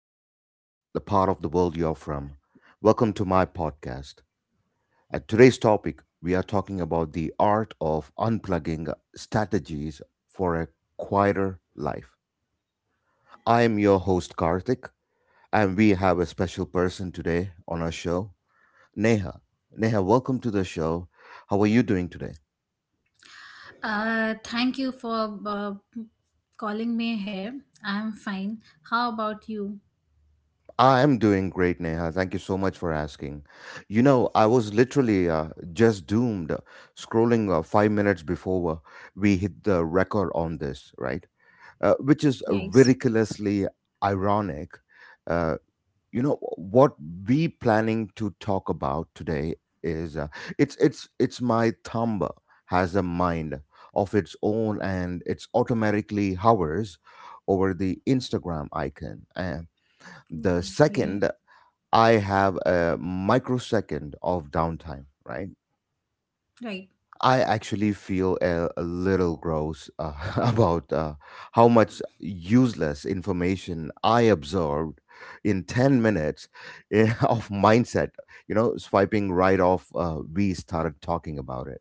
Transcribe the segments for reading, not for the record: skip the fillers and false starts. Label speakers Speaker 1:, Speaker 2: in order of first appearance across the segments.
Speaker 1: wherever the part of the world you're from. Welcome to my podcast. At today's topic, we are talking about the art of unplugging strategies for a quieter life. I am your host, Karthik, and we have a special person today on our show, Neha. Neha, welcome to the show. How are you doing today?
Speaker 2: Thank you for calling me here. I'm fine. How about you?
Speaker 1: I'm doing great, Neha. Thank you so much for asking. You know, I was literally just doomed scrolling 5 minutes before we hit the record on this, right? Which is
Speaker 2: Yes.
Speaker 1: ridiculously ironic. Uh, you know what we planning to talk about today is it's my thumb has a mind of its own and it's automatically hovers over the Instagram icon. And the
Speaker 2: Yeah.
Speaker 1: second I have a microsecond of downtime, right?
Speaker 2: Right.
Speaker 1: I actually feel a little gross about how much useless information I absorbed in 10 minutes of mindset, you know, swiping right off. We started talking about it.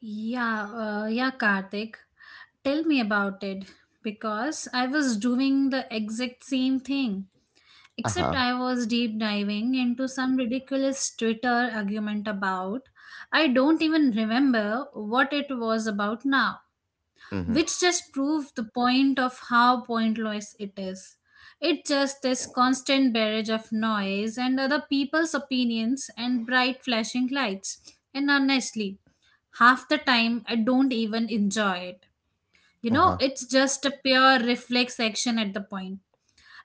Speaker 2: Yeah. Yeah, Karthik. Tell me about it because I was doing the exact same thing,
Speaker 1: Uh
Speaker 2: except
Speaker 1: huh.
Speaker 2: I was deep diving into some ridiculous Twitter argument about I don't even remember what it was about now.
Speaker 1: Mm hmm.
Speaker 2: Which just proves the point of how pointless it is. It's just this constant barrage of noise and other people's opinions and bright flashing lights. And honestly, half the time I don't even enjoy it. You
Speaker 1: Uh
Speaker 2: know,
Speaker 1: huh.
Speaker 2: it's just a pure reflex action at the point.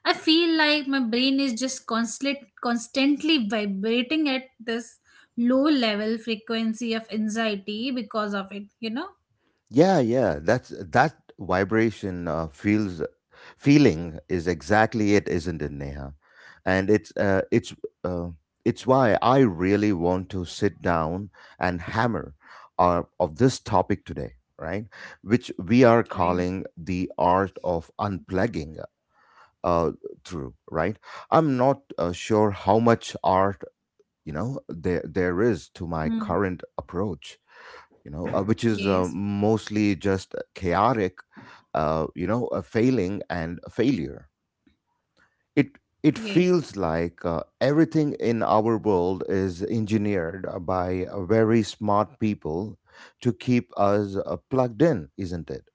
Speaker 2: I feel like my brain is just constantly vibrating at this low level frequency of anxiety because of it, you know?
Speaker 1: Yeah, yeah. That's that vibration feels feeling is exactly it, isn't it, Neha? And uh, it's why I really want to sit down and hammer of this topic today, right? Which we are
Speaker 2: Right.
Speaker 1: calling the art of unplugging uh, through, right? I'm not sure how much art you know there is to my
Speaker 2: Hmm.
Speaker 1: current approach which is
Speaker 2: Yes.
Speaker 1: mostly just chaotic, you know, a failing and a failure. It it
Speaker 2: Yes.
Speaker 1: feels like everything in our world is engineered by very smart people to keep us plugged in, isn't it?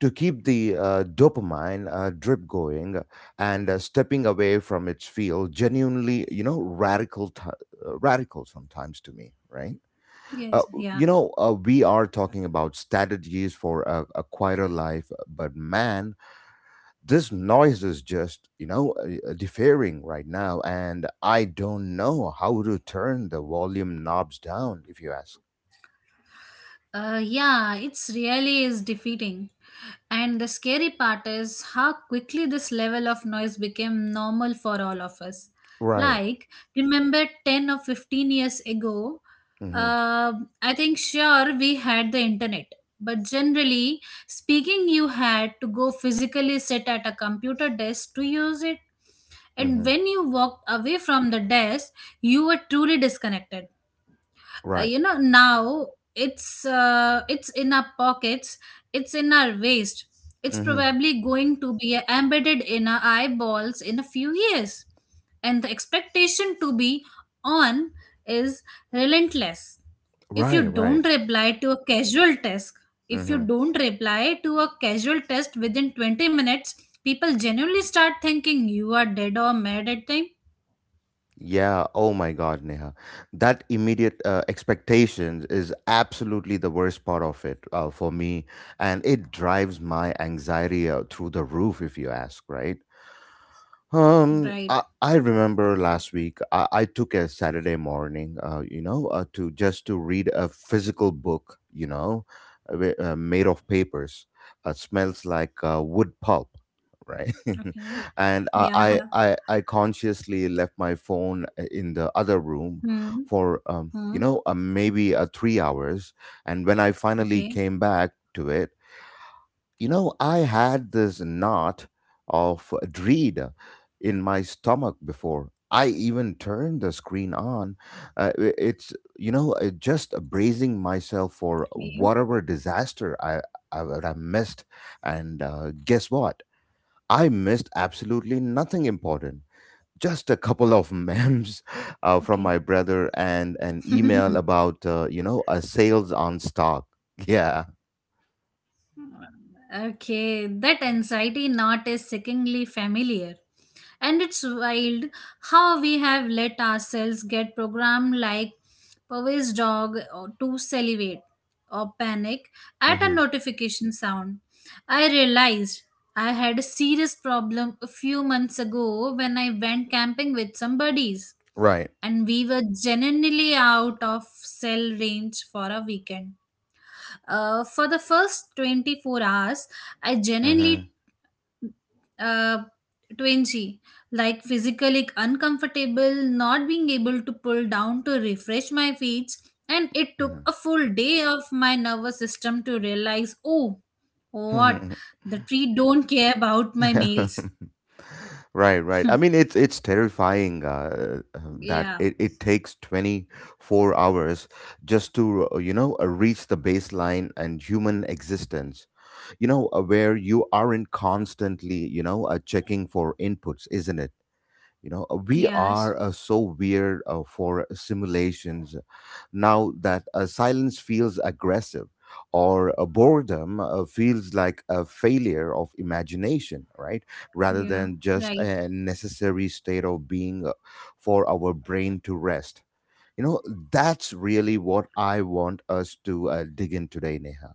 Speaker 1: To keep the dopamine drip going and stepping away from its field, genuinely, you know, radical, radical sometimes to me, right? Uh,
Speaker 2: Yes,
Speaker 1: you
Speaker 2: yeah.
Speaker 1: know, we are talking about strategies for a quieter life, but man, this noise is just, you know, deferring right now, and I don't know how to turn the volume knobs down, if you ask.
Speaker 2: Yeah, it's really is defeating. And the scary part is how quickly this level of noise became normal for all of us.
Speaker 1: Right.
Speaker 2: Like, remember 10 or 15 years ago,
Speaker 1: Mm-hmm.
Speaker 2: uh, I think sure we had the internet. But generally speaking, you had to go physically sit at a computer desk to use it. And
Speaker 1: Mm-hmm.
Speaker 2: when you walked away from the desk, you were truly disconnected.
Speaker 1: Right.
Speaker 2: Now it's in our pockets, it's in our waist, it's
Speaker 1: Mm-hmm.
Speaker 2: probably going to be embedded in our eyeballs in a few years, and the expectation to be on is relentless. If you
Speaker 1: Right. Right.
Speaker 2: don't reply to a casual task, if you
Speaker 1: Mm-hmm.
Speaker 2: don't reply to a casual test within 20 minutes, people genuinely start thinking you are dead or mad at them.
Speaker 1: Yeah, oh my God, Neha. That immediate expectations is absolutely the worst part of it for me. And it drives my anxiety through the roof, if you ask, right? Um,
Speaker 2: Right.
Speaker 1: I, I remember last week I took a Saturday morning, to just to read a physical book, you know, made of papers. Smells like wood pulp, right?
Speaker 2: Okay.
Speaker 1: and
Speaker 2: Yeah.
Speaker 1: I,
Speaker 2: Huh.
Speaker 1: I, I I consciously left my phone in the other room
Speaker 2: Hmm.
Speaker 1: for,
Speaker 2: Hmm.
Speaker 1: maybe 3 hours. And when I finally
Speaker 2: Okay.
Speaker 1: came back to it, you know, I had this knot of dread in my stomach before. I even turned the screen on. It's, you know, just bracing myself for
Speaker 2: Okay,
Speaker 1: whatever disaster I would have missed. And guess what? I missed absolutely nothing important. Just a couple of memes from
Speaker 2: okay.
Speaker 1: my brother and an email about, you know, a sales on stock. Yeah.
Speaker 2: Okay, that anxiety knot is sickeningly familiar. And it's wild how we have let ourselves get programmed like Poway's dog or to salivate or panic at a
Speaker 1: hmm
Speaker 2: notification sound. I realized I had a serious problem a few months ago when I went camping with some buddies
Speaker 1: Right.
Speaker 2: and we were genuinely out of cell range for a weekend. For the first 24 hours, I
Speaker 1: hmm
Speaker 2: genuinely uh, twingy, like physically uncomfortable, not being able to pull down to refresh my feet. And it took
Speaker 1: hmm
Speaker 2: a full day of my nervous system to realize, oh, what? The tree don't care about my meals.
Speaker 1: right, right, I mean it's terrifying that
Speaker 2: Yeah.
Speaker 1: it takes 24 hours just to you know reach the baseline and human existence where you aren't constantly checking for inputs isn't it we
Speaker 2: Yes.
Speaker 1: are so weird for simulations now that silence feels aggressive or boredom feels like a failure of imagination right rather
Speaker 2: Yeah.
Speaker 1: than just
Speaker 2: Right.
Speaker 1: a necessary state of being for our brain to rest you know that's really what I want us to dig in today neha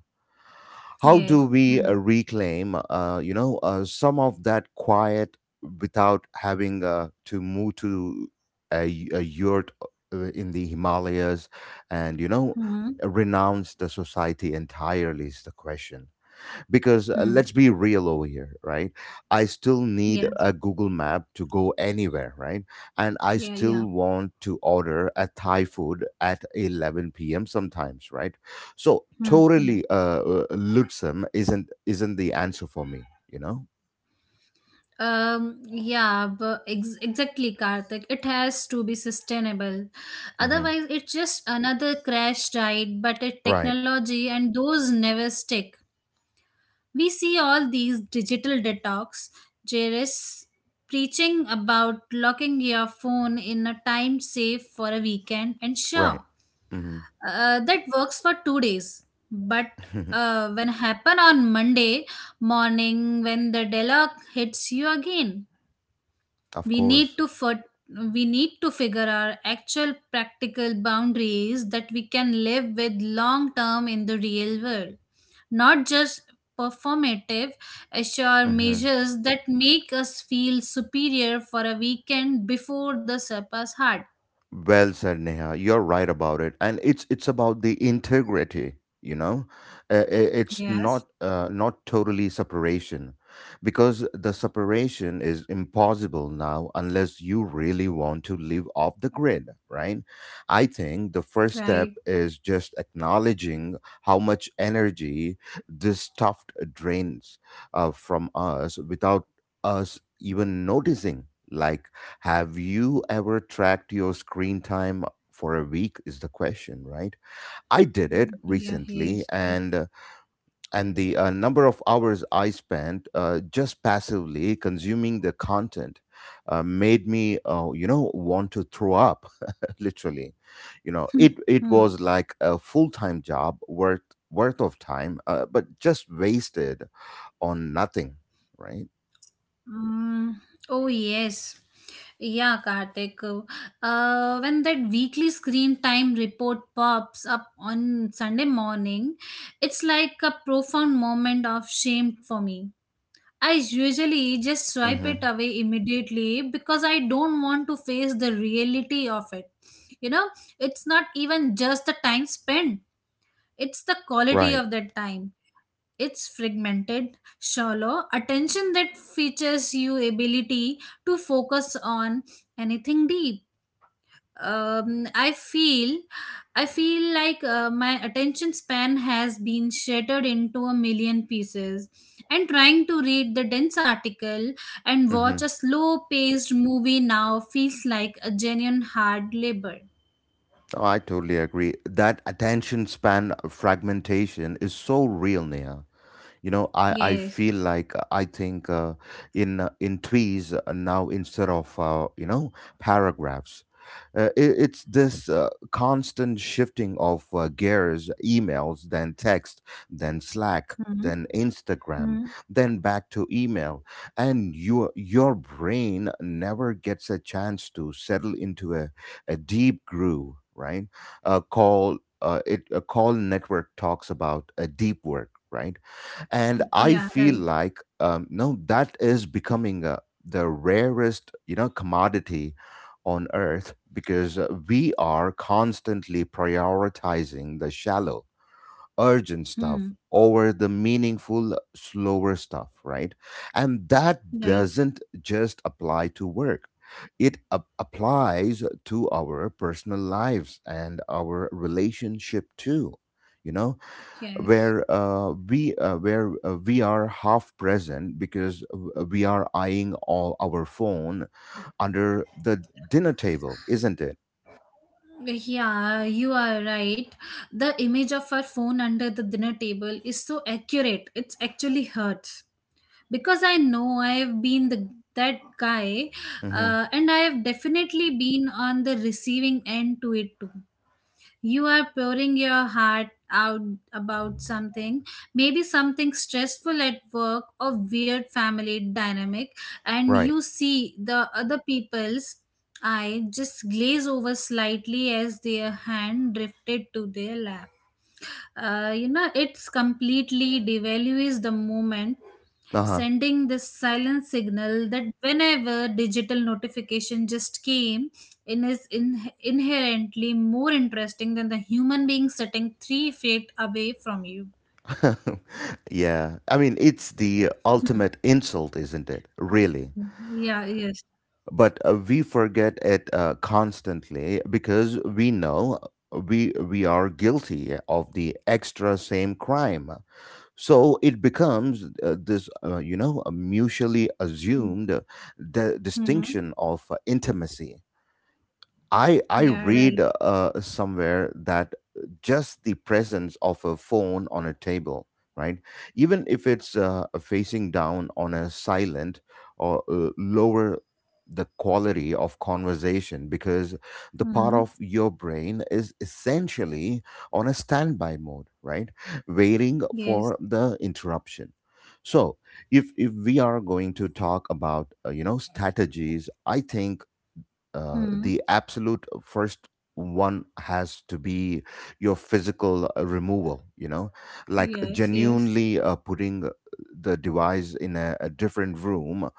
Speaker 1: how do
Speaker 2: Yes.
Speaker 1: we
Speaker 2: Hmm.
Speaker 1: reclaim, some of that quiet without having to move to a yurt in the Himalayas and, you know,
Speaker 2: Hmm.
Speaker 1: renounce the society entirely is the question because
Speaker 2: Hmm.
Speaker 1: let's be real over here right I still need
Speaker 2: Yeah.
Speaker 1: a google map to go anywhere right and I
Speaker 2: Yeah. Yeah.
Speaker 1: still want to order a thai food at 11 p.m sometimes right so
Speaker 2: Hmm. Hmm.
Speaker 1: totally lutsum isn't the answer for me you know
Speaker 2: Yeah, but exactly, Karthik. It has to be sustainable.
Speaker 1: hmm
Speaker 2: Otherwise, it's just another crash diet, but a
Speaker 1: right
Speaker 2: technology and those never stick. We see all these digital detox, Jerris, preaching about locking your phone in a time safe for a weekend, and
Speaker 1: right
Speaker 2: sure,
Speaker 1: hmm
Speaker 2: that works for 2 days. But when happen on Monday morning, when the deadlock hits you again,
Speaker 1: of
Speaker 2: we need
Speaker 1: course.
Speaker 2: to fir- we need to figure our actual practical boundaries that we can live with long term in the real world, not just performative assure
Speaker 1: Mhm.
Speaker 2: measures that make us feel superior for a weekend before the surpass hard.
Speaker 1: Well said, Neha. You're right about it, and it's about the integrity. You know, It's
Speaker 2: Yes.
Speaker 1: not not totally separation, because the separation is impossible now unless you really want to live off the grid, right? I think the first step
Speaker 2: Right.
Speaker 1: is just acknowledging how much energy this stuff drains from us without us even noticing. Like have you ever tracked your screen time for a week is the question, right? I did it
Speaker 2: Yeah, he
Speaker 1: recently
Speaker 2: is.
Speaker 1: and the number of hours I spent just passively consuming the content made me you know want to throw up literally. You know, it
Speaker 2: Right.
Speaker 1: it was like a full-time job worth worth of time but just wasted on nothing, right?
Speaker 2: Mm, oh yes. Yeah, Karthik. When that weekly screen time report pops up on Sunday morning, it's like a profound moment of shame for me. I usually just swipe it
Speaker 1: hmm
Speaker 2: away immediately because I don't want to face the reality of it. You know, it's not even just the time spent, it's the quality
Speaker 1: Right.
Speaker 2: of that time. It's fragmented, shallow attention that features you ability to focus on anything deep. Um, I feel, I feel like my attention span has been shattered into a million pieces, and trying to read the dense article and watch
Speaker 1: hmm
Speaker 2: a slow-paced movie now feels like a genuine hard labor.
Speaker 1: Oh, I totally agree. That attention span fragmentation is so real, Neha. You know, I
Speaker 2: Yes.
Speaker 1: feel like I think in tweets now instead of you know paragraphs, it's this constant shifting of gears, emails, then text, then Slack,
Speaker 2: Hmm.
Speaker 1: then Instagram,
Speaker 2: Hmm.
Speaker 1: then back to email, and your brain never gets a chance to settle into a deep groove, right? Call it a call network talks about a deep work, right? And I
Speaker 2: Yeah.
Speaker 1: feel
Speaker 2: Right.
Speaker 1: like no, that is becoming the rarest, you know, commodity on earth because we are constantly prioritizing the shallow urgent
Speaker 2: Hmm.
Speaker 1: stuff over the meaningful, slower stuff, right? And that
Speaker 2: Right.
Speaker 1: doesn't just apply to work. It applies to our personal lives and our relationship too. You know,
Speaker 2: Yes.
Speaker 1: where we are half present because we are eyeing all our phone under the dinner table, isn't it?
Speaker 2: Yeah, you are right. The image of her phone under the dinner table is so accurate. It's actually hurts because I know I have been the that guy,
Speaker 1: hmm
Speaker 2: and I have definitely been on the receiving end to it too. You are pouring your heart out about something, maybe something stressful at work or weird family dynamic, and
Speaker 1: Right.
Speaker 2: you see the other people's eye just glaze over slightly as their hand drifted to their lap. It's completely devalues the moment,
Speaker 1: Uh huh.
Speaker 2: sending this silent signal that whenever digital notification just came in inherently more interesting than the human being sitting 3 feet away from you.
Speaker 1: yeah, I mean, it's the
Speaker 2: Hmm.
Speaker 1: ultimate insult, isn't it? Really.
Speaker 2: Yeah, yes.
Speaker 1: But we forget it constantly because we know we are guilty of the extra same crime. So it becomes you know, a mutually assumed
Speaker 2: Hmm.
Speaker 1: distinction of intimacy. I
Speaker 2: Yeah,
Speaker 1: read
Speaker 2: right.
Speaker 1: somewhere that just the presence of a phone on a table, right? Even if it's facing down on a silent or lower the quality of conversation because the part
Speaker 2: Hmm.
Speaker 1: of your brain is essentially on a standby mode, right? Waiting
Speaker 2: Yes.
Speaker 1: for the interruption. So, if we are going to talk about you know strategies, I think
Speaker 2: Hmm.
Speaker 1: the absolute first one has to be your physical removal you know like
Speaker 2: Yes, yes.
Speaker 1: genuinely putting the device in a different room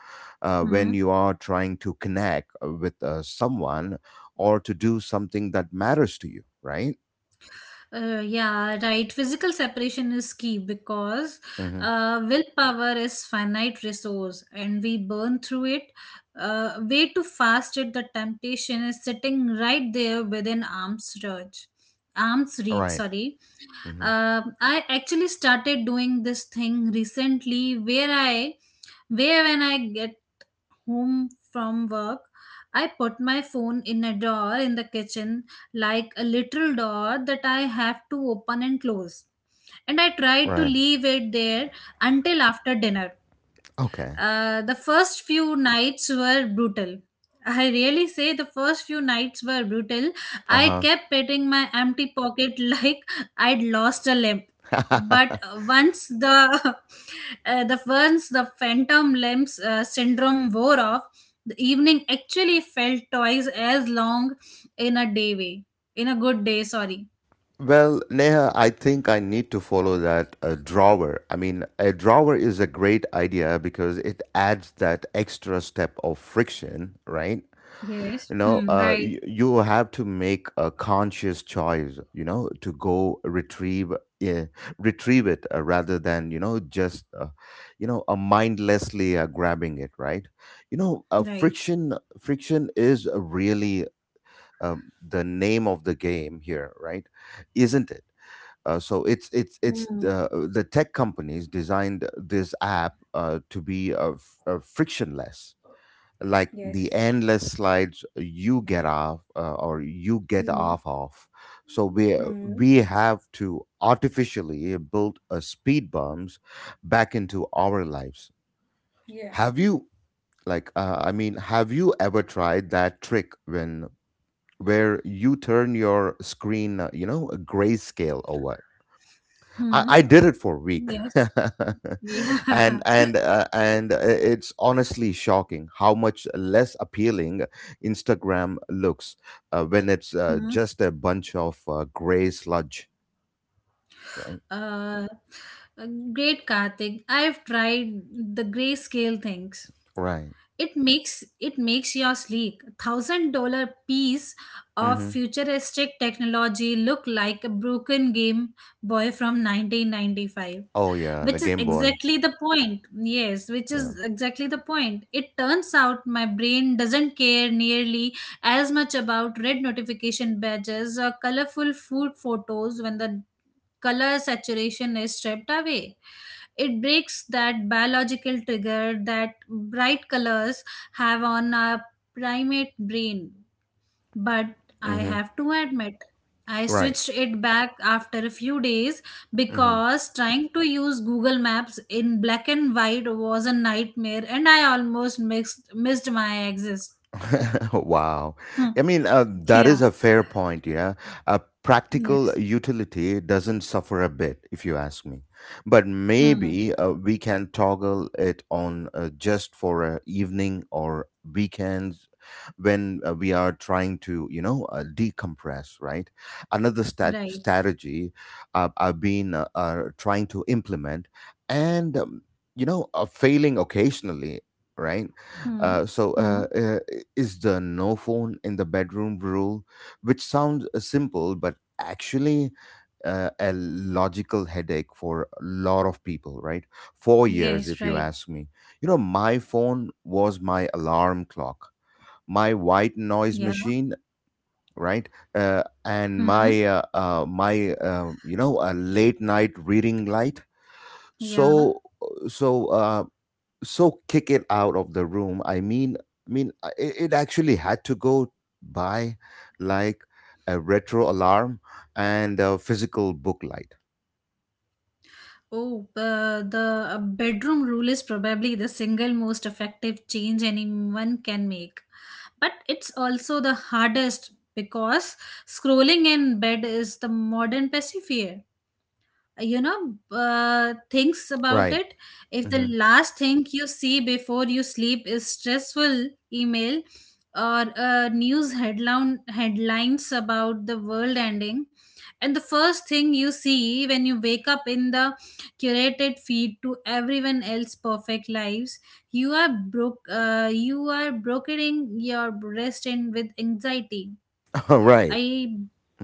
Speaker 2: Hmm.
Speaker 1: when you are trying to connect with someone or to do something that matters to you right
Speaker 2: Yeah, right. Physical separation is key because
Speaker 1: mm-hmm.
Speaker 2: willpower is finite resource and we burn through it way too fast. It The temptation is sitting right there within arm's reach. Arms reach,
Speaker 1: right
Speaker 2: sorry.
Speaker 1: mm-hmm.
Speaker 2: I actually started doing this thing recently where when I home from work, I put my phone in a door in the kitchen, like a literal door that I have to open and close. And I tried to
Speaker 1: right
Speaker 2: leave it there until after dinner.
Speaker 1: okay
Speaker 2: The first few nights were brutal. I really say the first few nights were brutal. I
Speaker 1: uh-huh
Speaker 2: kept petting my empty pocket like I'd lost a limb. But once the the phantom limbs syndrome wore off, the evening actually felt twice as long in a day way. In a good day, sorry.
Speaker 1: Well, Neha, I think I need to follow that drawer. I mean, a drawer is a great idea because it adds that extra step of friction, right?
Speaker 2: Yes.
Speaker 1: You know,
Speaker 2: Hmm, right.
Speaker 1: you have to make a conscious choice, you know, to go retrieve it rather than, you know, mindlessly grabbing it, right? You know,
Speaker 2: Right.
Speaker 1: friction is really the name of the game here, right? Isn't it? So it's
Speaker 2: Hmm.
Speaker 1: the tech companies designed this app to be frictionless, like the endless slides you get off or you get off of. So we have to artificially build a speed bumps back into our lives.
Speaker 2: Yeah.
Speaker 1: Have you like I mean, have you ever tried that trick when where you turn your screen, you know, grayscale over? I,
Speaker 2: Hmm.
Speaker 1: I did it for a week,
Speaker 2: Yes. Yeah.
Speaker 1: and it's honestly shocking how much less appealing Instagram looks when it's
Speaker 2: Hmm.
Speaker 1: just a bunch of gray sludge, right?
Speaker 2: Uh, uh, Great, Karthik. I've tried the grayscale things.
Speaker 1: Right.
Speaker 2: it makes it makes your sleek $1,000 piece of
Speaker 1: Mm-hmm.
Speaker 2: futuristic technology look like a broken game boy from 1995,
Speaker 1: Oh yeah, the
Speaker 2: which is
Speaker 1: Game Boy.
Speaker 2: exactly the point. Yes, which is
Speaker 1: Yeah.
Speaker 2: exactly the point. It turns out my brain doesn't care nearly as much about red notification badges or colorful food photos when the color saturation is stripped away. It breaks that biological trigger that bright colors have on our primate brain. But I
Speaker 1: Mm-hmm.
Speaker 2: have to admit, I
Speaker 1: Right.
Speaker 2: switched it back after a few days because trying to use Google Maps in black and white was a nightmare and I almost missed my exit.
Speaker 1: Wow.
Speaker 2: Hmm.
Speaker 1: I mean, that
Speaker 2: Yeah.
Speaker 1: is a fair point, yeah. A practical
Speaker 2: Yes.
Speaker 1: utility doesn't suffer a bit, if you ask me. But
Speaker 2: Hmm.
Speaker 1: maybe we can toggle it on just for a evening or weekends when we are trying to, you know, decompress, right? Another
Speaker 2: Right.
Speaker 1: strategy I've been trying to implement and, failing occasionally, right?
Speaker 2: Hmm.
Speaker 1: Uh, so
Speaker 2: Hmm.
Speaker 1: uh, uh, is the no phone in the bedroom rule, which sounds simple but actually a logical headache for a lot of people, right? 4 years,
Speaker 2: Yes,
Speaker 1: if you
Speaker 2: right.
Speaker 1: ask me. You know, my phone was my alarm clock, my white noise
Speaker 2: Yeah.
Speaker 1: machine, right? Uh, and
Speaker 2: Hmm.
Speaker 1: my uh, uh, my uh, you know a late night reading light.
Speaker 2: Yeah.
Speaker 1: So uh, so uh, so kick it out of the room. It actually had to go by, like, a retro alarm and a physical book light,
Speaker 2: Oh, the bedroom rule is probably the single most effective change anyone can make. But it's also the hardest because scrolling in bed is the modern pacifier, you know, thinks about
Speaker 1: right?
Speaker 2: it. If the
Speaker 1: Hmm.
Speaker 2: last thing you see before you sleep is stressful email or news headlines about the world ending, and the first thing you see when you wake up in the curated feed to everyone else perfect lives, you are brokering your rest in with anxiety.
Speaker 1: Right.
Speaker 2: I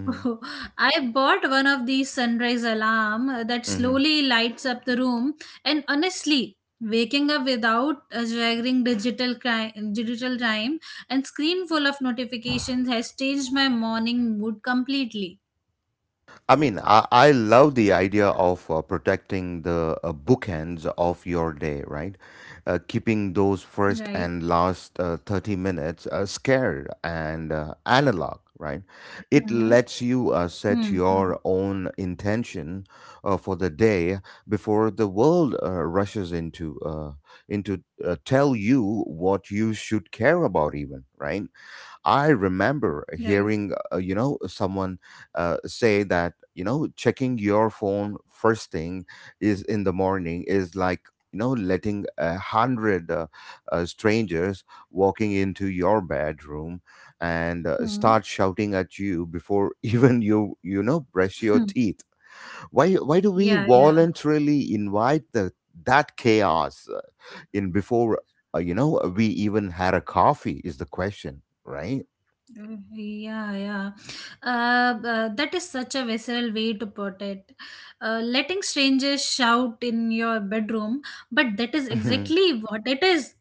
Speaker 2: I bought one of these sunrise alarm that
Speaker 1: Hmm.
Speaker 2: slowly lights up the room, and honestly waking up without a jarring digital time and screen full of notifications has changed my morning mood completely.
Speaker 1: I mean, I love the idea of protecting the bookends of your day, right? Keeping those first
Speaker 2: Right.
Speaker 1: and last 30 minutes scared and analog, right? It
Speaker 2: Hmm.
Speaker 1: lets you
Speaker 2: Hmm.
Speaker 1: set
Speaker 2: Hmm.
Speaker 1: your own intention for the day before the world rushes into tell you what you should care about, even, right? I remember
Speaker 2: Right.
Speaker 1: hearing, someone say that, you know, checking your phone first thing is in the morning is like, you know, letting a hundred strangers walking into your bedroom and
Speaker 2: Hmm.
Speaker 1: start shouting at you before even you, you know, brush your
Speaker 2: Hmm.
Speaker 1: teeth. Why do we
Speaker 2: Yeah, yeah.
Speaker 1: voluntarily invite that chaos in before, you know, we even had a coffee, is the question, right?
Speaker 2: Mm, yeah, yeah. That is such a visceral way to put it. Letting strangers shout in your bedroom, but that is
Speaker 1: Mhm.
Speaker 2: exactly what it is.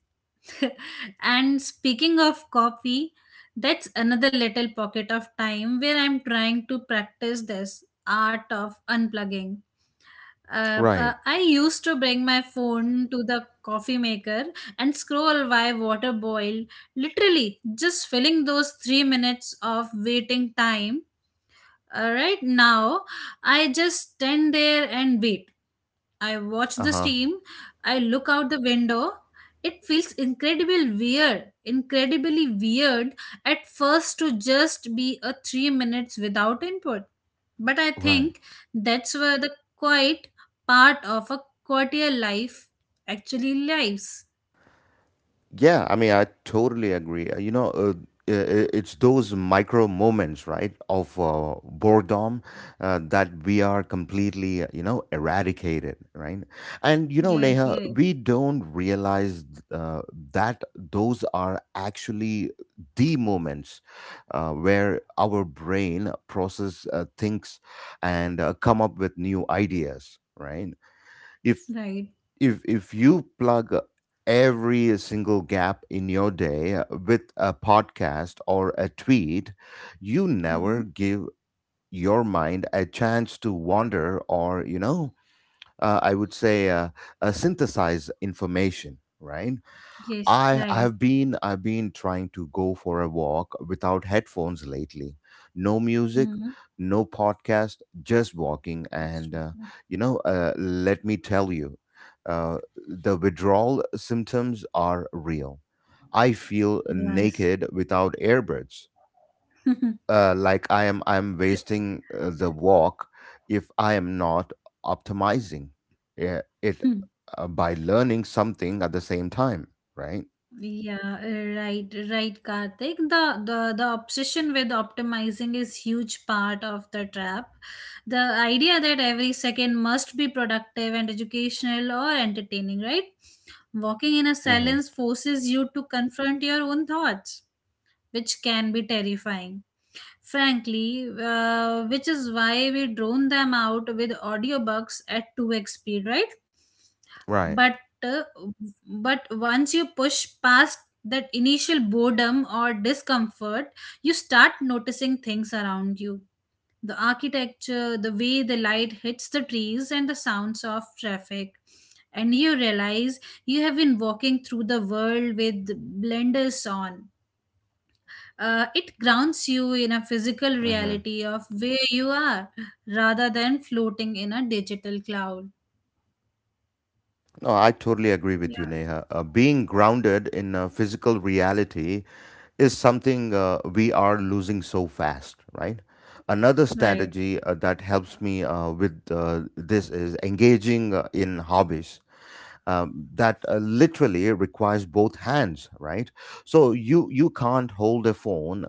Speaker 2: And speaking of coffee, that's another little pocket of time where I'm trying to practice this art of unplugging.
Speaker 1: Right.
Speaker 2: I used to bring my phone to the coffee maker and scroll while water boiled, literally just filling those 3 minutes of waiting time. All right, now I just stand there and wait. I watch
Speaker 1: Uh
Speaker 2: the
Speaker 1: huh.
Speaker 2: steam, I look out the window. It feels incredibly weird at first to just be a 3 minutes without input. But I
Speaker 1: Right.
Speaker 2: think that's where the quiet part of a courtier life actually lives.
Speaker 1: Yeah. I mean, I totally agree. It's those micro moments, right, of boredom that we are completely, you know, eradicated, right? And you know,
Speaker 2: Yes,
Speaker 1: Neha,
Speaker 2: yes.
Speaker 1: we don't realize uh, that those are actually the moments where our brain process thinks and come up with new ideas, right? If
Speaker 2: Right.
Speaker 1: if you plug every single gap in your day with a podcast or a tweet, you never
Speaker 2: Mhm.
Speaker 1: give your mind a chance to wander, or I would say, synthesize information, right.
Speaker 2: Yes,
Speaker 1: I I
Speaker 2: right.
Speaker 1: have been I've been trying to go for a walk without headphones lately. No music,
Speaker 2: Mhm.
Speaker 1: no podcast, just walking. And, let me tell you, uh, the withdrawal symptoms are real. I feel
Speaker 2: Yes.
Speaker 1: naked without earbuds. Like, I'm wasting the walk if I am not optimizing, yeah, it by learning something at the same time, right?
Speaker 2: Yeah, right, right, Karthik. The obsession with optimizing is huge part of the trap. The idea that every second must be productive and educational or entertaining, right? Walking in a
Speaker 1: Mm-hmm.
Speaker 2: silence forces you to confront your own thoughts, which can be terrifying frankly, which is why we drone them out with audiobooks at 2x speed, right?
Speaker 1: Right.
Speaker 2: But uh, but once you push past that initial boredom or discomfort, you start noticing things around you. The architecture, the way the light hits the trees, and the sounds of traffic. And you realize you have been walking through the world with blenders on. It grounds you in a physical
Speaker 1: Hmm.
Speaker 2: reality of where you are rather than floating in a digital cloud.
Speaker 1: No, I totally agree with you,
Speaker 2: Yeah,
Speaker 1: Neha. Being grounded in physical reality is something we are losing so fast, right? Another
Speaker 2: right.
Speaker 1: strategy that helps me with this is engaging in hobbies. That literally requires both hands, right? So you can't hold a phone.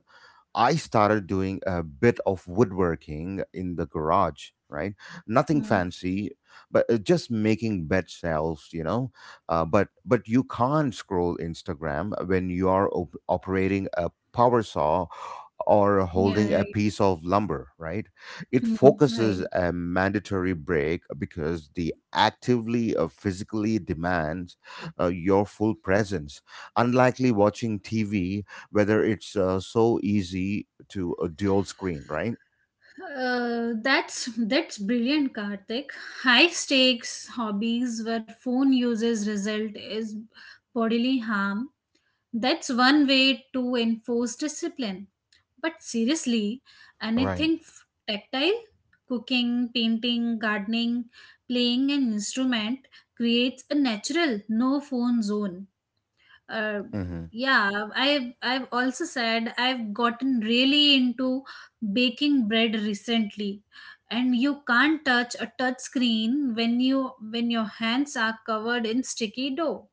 Speaker 1: I started doing a bit of woodworking in the garage, right? Nothing
Speaker 2: Hmm.
Speaker 1: fancy, but just making bed shelves, you know. But you can't scroll Instagram when you are operating a power saw or
Speaker 2: Yeah,
Speaker 1: holding a
Speaker 2: right.
Speaker 1: piece of lumber, right? It
Speaker 2: Hmm. Right.
Speaker 1: focuses a mandatory break because the actively or physically demands your full presence. Unlikely watching TV, whether it's so easy to a dual screen, right?
Speaker 2: That's brilliant, Karthik. High stakes hobbies where phone uses result is bodily harm. That's one way to enforce discipline. But seriously,
Speaker 1: Right.
Speaker 2: anything tactile, cooking, painting, gardening, playing an instrument creates a natural no phone zone. Uh,
Speaker 1: Mm-hmm.
Speaker 2: yeah, I've also said I've gotten really into baking bread recently. And you can't touch a touch screen when your hands are covered in sticky dough.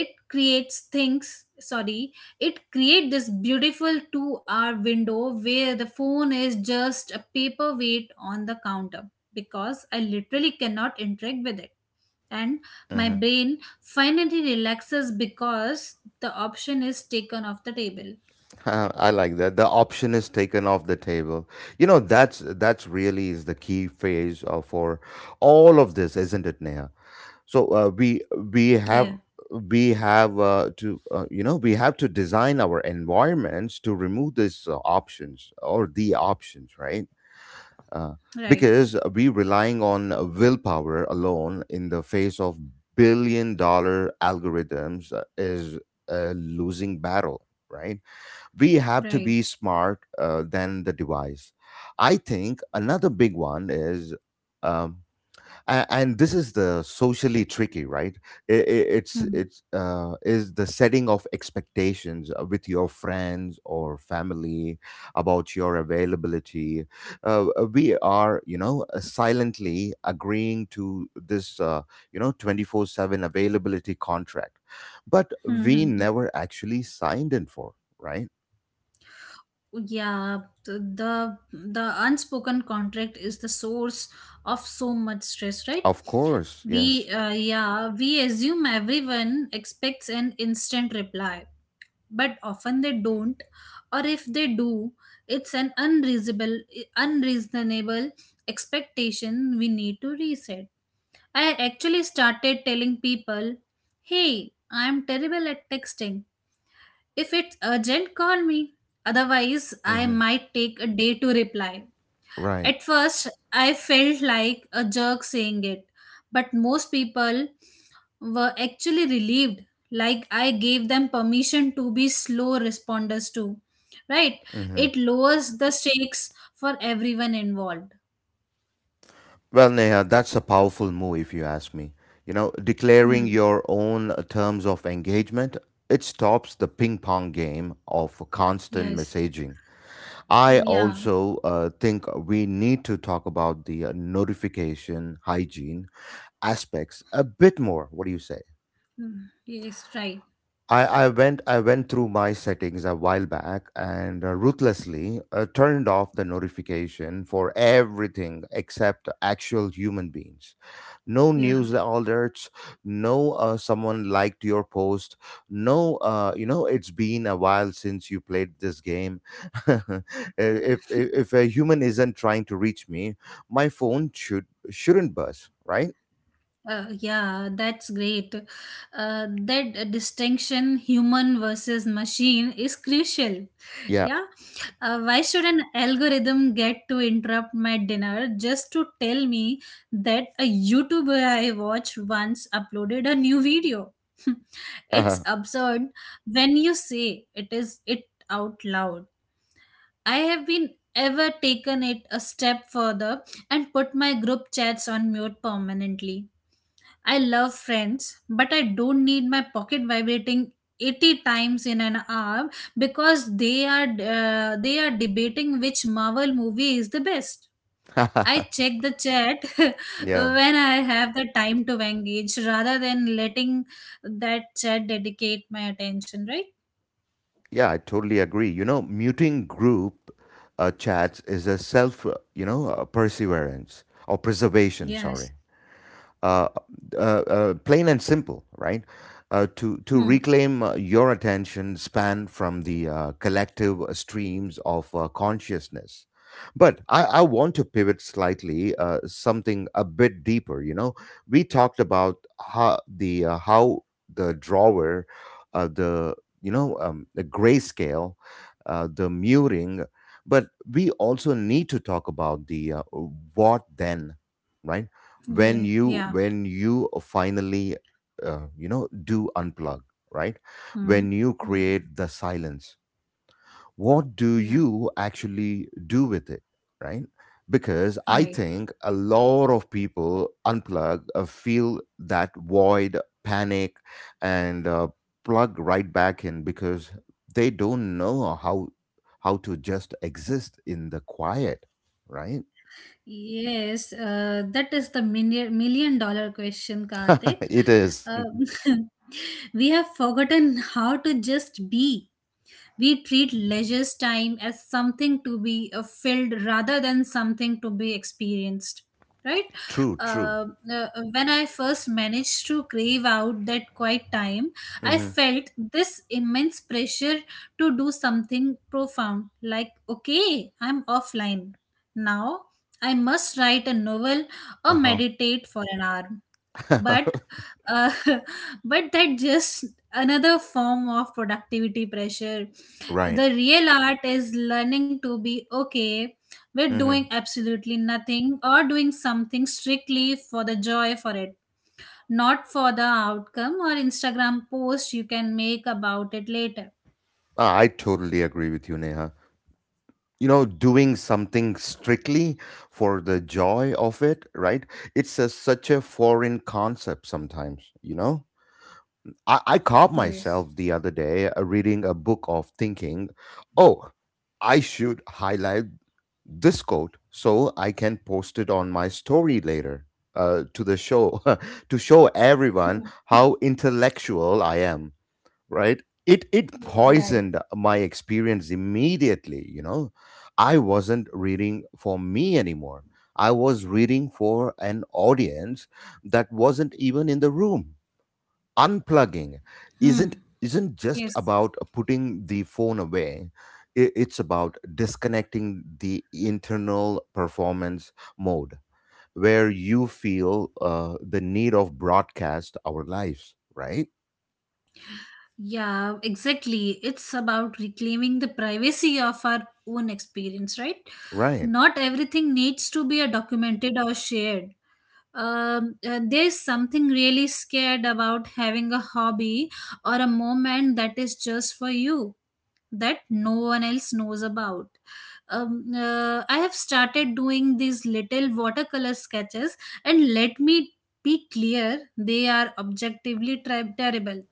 Speaker 2: it creates things sorry it create this beautiful 2 hour window where the phone is just a paperweight on the counter, because I literally cannot interact with it. And my
Speaker 1: Mm-hmm.
Speaker 2: brain finally relaxes because the option is taken off the table.
Speaker 1: I like that. The option is taken off the table. You know, that's really is the key phase for all of this, isn't it, Neha? So we have
Speaker 2: Yeah,
Speaker 1: we have to you know we have to design our environments to remove these options, or the options, right? uh,
Speaker 2: right,
Speaker 1: because we relying on willpower alone in the face of billion dollar algorithms is a losing battle, right. We have to
Speaker 2: right.
Speaker 1: be smart than the device. I think another big one is, um, and this is the socially tricky, right. I- it's is the setting of expectations with your friends or family about your availability. We are, you know, silently agreeing to this, you know, 24/7 availability contract, but we
Speaker 2: Hmm.
Speaker 1: never actually signed in for, right.
Speaker 2: Yeah, the unspoken contract is the source of so much stress, right?
Speaker 1: Of course. Yes.
Speaker 2: We we assume everyone expects an instant reply, but often they don't. Or if they do, it's an unreasonable unreasonable expectation we need to reset. I actually started telling people, hey, I'm terrible at texting. If it's urgent, call me. Otherwise, I
Speaker 1: Mhm.
Speaker 2: might take a day to reply.
Speaker 1: Right.
Speaker 2: At first, I felt like a jerk saying it, but most people were actually relieved, like I gave them permission to be slow responders too. Right?
Speaker 1: Mhm.
Speaker 2: It lowers the stakes for everyone involved.
Speaker 1: Well, Neha, that's a powerful move, if you ask me. You know, declaring
Speaker 2: Hmm.
Speaker 1: your own terms of engagement, it stops the ping pong game of constant
Speaker 2: Yes.
Speaker 1: messaging. I
Speaker 2: Yeah.
Speaker 1: also think we need to talk about the notification hygiene aspects a bit more. What do you say?
Speaker 2: Hmm. Yes, right.
Speaker 1: I went through my settings a while back and ruthlessly turned off the notification for everything except actual human beings. No news
Speaker 2: Yeah.
Speaker 1: alerts, no someone liked your post, no you know it's been a while since you played this game. If a human isn't trying to reach me, my phone shouldn't buzz, right?
Speaker 2: Yeah, that's great. That distinction, human versus machine, is crucial.
Speaker 1: Yeah.
Speaker 2: Yeah. Why should an algorithm get to interrupt my dinner just to tell me that a YouTuber I watched once uploaded a new video? It's absurd when you say it is it out loud. I have been ever taken it a step further and put my group chats on mute permanently. I love friends, but I don't need my pocket vibrating 80 times in an hour because they are debating which Marvel movie is the best. I check the chat
Speaker 1: Yeah.
Speaker 2: when I have the time to engage rather than letting that chat dedicate my attention, right?
Speaker 1: Yeah, I totally agree. You know, muting group chats is a self, perseverance, or preservation,
Speaker 2: Yes.
Speaker 1: sorry, uh, plain and simple, right? To
Speaker 2: Hmm.
Speaker 1: reclaim your attention span from the collective streams of consciousness. But I want to pivot slightly, something a bit deeper. You know, we talked about how the, how the drawer, the, the grayscale, the muring, but we also need to talk about the, what then, right?
Speaker 2: Yeah. Yeah.
Speaker 1: When you finally, do unplug, right?
Speaker 2: Hmm.
Speaker 1: When you
Speaker 2: Hmm.
Speaker 1: create the silence, what do
Speaker 2: Yeah.
Speaker 1: you actually do with it, right? Because I
Speaker 2: Right.
Speaker 1: think a lot of people unplug, feel that void, panic, and plug right back in, because they don't know how, to just exist in the quiet, right?
Speaker 2: Yes, that is the million million dollar question, Karthik.
Speaker 1: It is.
Speaker 2: Um, We have forgotten how to just be. We treat leisure time as something to be filled rather than something to be experienced. Right?
Speaker 1: True, true.
Speaker 2: When I first managed to crave out that quiet time, I
Speaker 1: Mhm.
Speaker 2: felt this immense pressure to do something profound, like, okay, I'm offline. Now I must write a novel or
Speaker 1: Uh-huh.
Speaker 2: meditate for an hour. But uh, but that just another form of productivity pressure.
Speaker 1: Right.
Speaker 2: The real art is learning to be okay with doing
Speaker 1: Hmm.
Speaker 2: absolutely nothing, or doing something strictly for the joy for it, not for the outcome or Instagram post you can make about it later.
Speaker 1: I totally agree with you, Neha. You know, doing something strictly for the joy of it, right? It's a, such a foreign concept sometimes, you know? I caught
Speaker 2: Yes.
Speaker 1: myself the other day reading a book of thinking, oh, I should highlight this quote so I can post it on my story later, to the show to show everyone how intellectual I am. Right, it
Speaker 2: Yeah.
Speaker 1: poisoned my experience immediately, you know. I wasn't reading for me anymore. I was reading for an audience that wasn't even in the room. Unplugging
Speaker 2: Hmm.
Speaker 1: isn't just
Speaker 2: Yes.
Speaker 1: about putting the phone away. It's about disconnecting the internal performance mode, where you feel the need of broadcast our lives, right.
Speaker 2: Yeah, exactly. It's about reclaiming the privacy of our own experience, right?
Speaker 1: Right.
Speaker 2: Not everything needs to be a documented or shared. There's something really scared about having a hobby or a moment that is just for you, that no one else knows about. I have started doing these little watercolor sketches, and let me be clear, they are objectively terrible,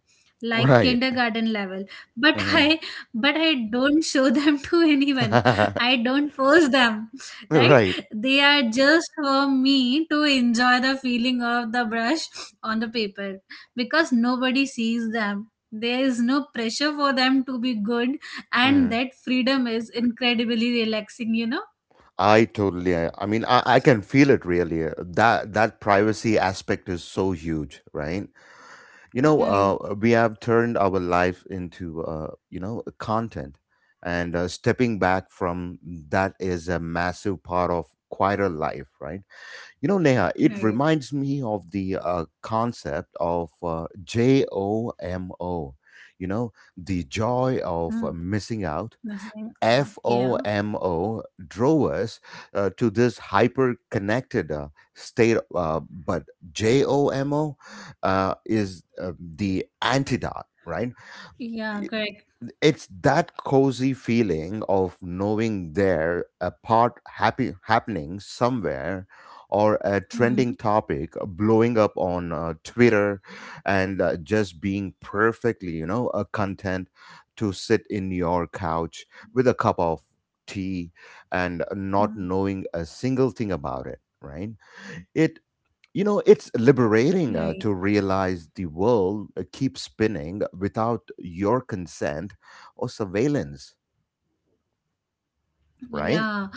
Speaker 2: like
Speaker 1: Right.
Speaker 2: kindergarten level, but
Speaker 1: Hmm.
Speaker 2: I don't show them to anyone. I don't force them. Right,
Speaker 1: Right.
Speaker 2: they are just for me, to enjoy the feeling of the brush on the paper. Because nobody sees them, there is no pressure for them to be good, and
Speaker 1: Mm.
Speaker 2: that freedom is incredibly relaxing, you know?
Speaker 1: I totally. I mean, I can feel it really. That privacy aspect is so huge, right? You know,
Speaker 2: Right.
Speaker 1: we have turned our life into, content, and stepping back from that is a massive part of quieter life, right? You know, Neha, it
Speaker 2: Right.
Speaker 1: reminds me of the concept of JOMO. You know, the joy of
Speaker 2: Hmm.
Speaker 1: missing out.
Speaker 2: That's right. Yeah.
Speaker 1: FOMO drove us to this hyper connected state, but JOMO is the antidote, right?
Speaker 2: Yeah,
Speaker 1: i-
Speaker 2: correct.
Speaker 1: it's that cozy feeling of knowing there a part happy happening somewhere, or a
Speaker 2: Hmm.
Speaker 1: trending topic blowing up on Twitter, and just being perfectly, you know, content to sit in your couch with a cup of tea and not
Speaker 2: Hmm.
Speaker 1: knowing a single thing about it, right. it You know, it's liberating
Speaker 2: Right.
Speaker 1: to realize the world keeps spinning without your consent or surveillance, right?
Speaker 2: Yeah.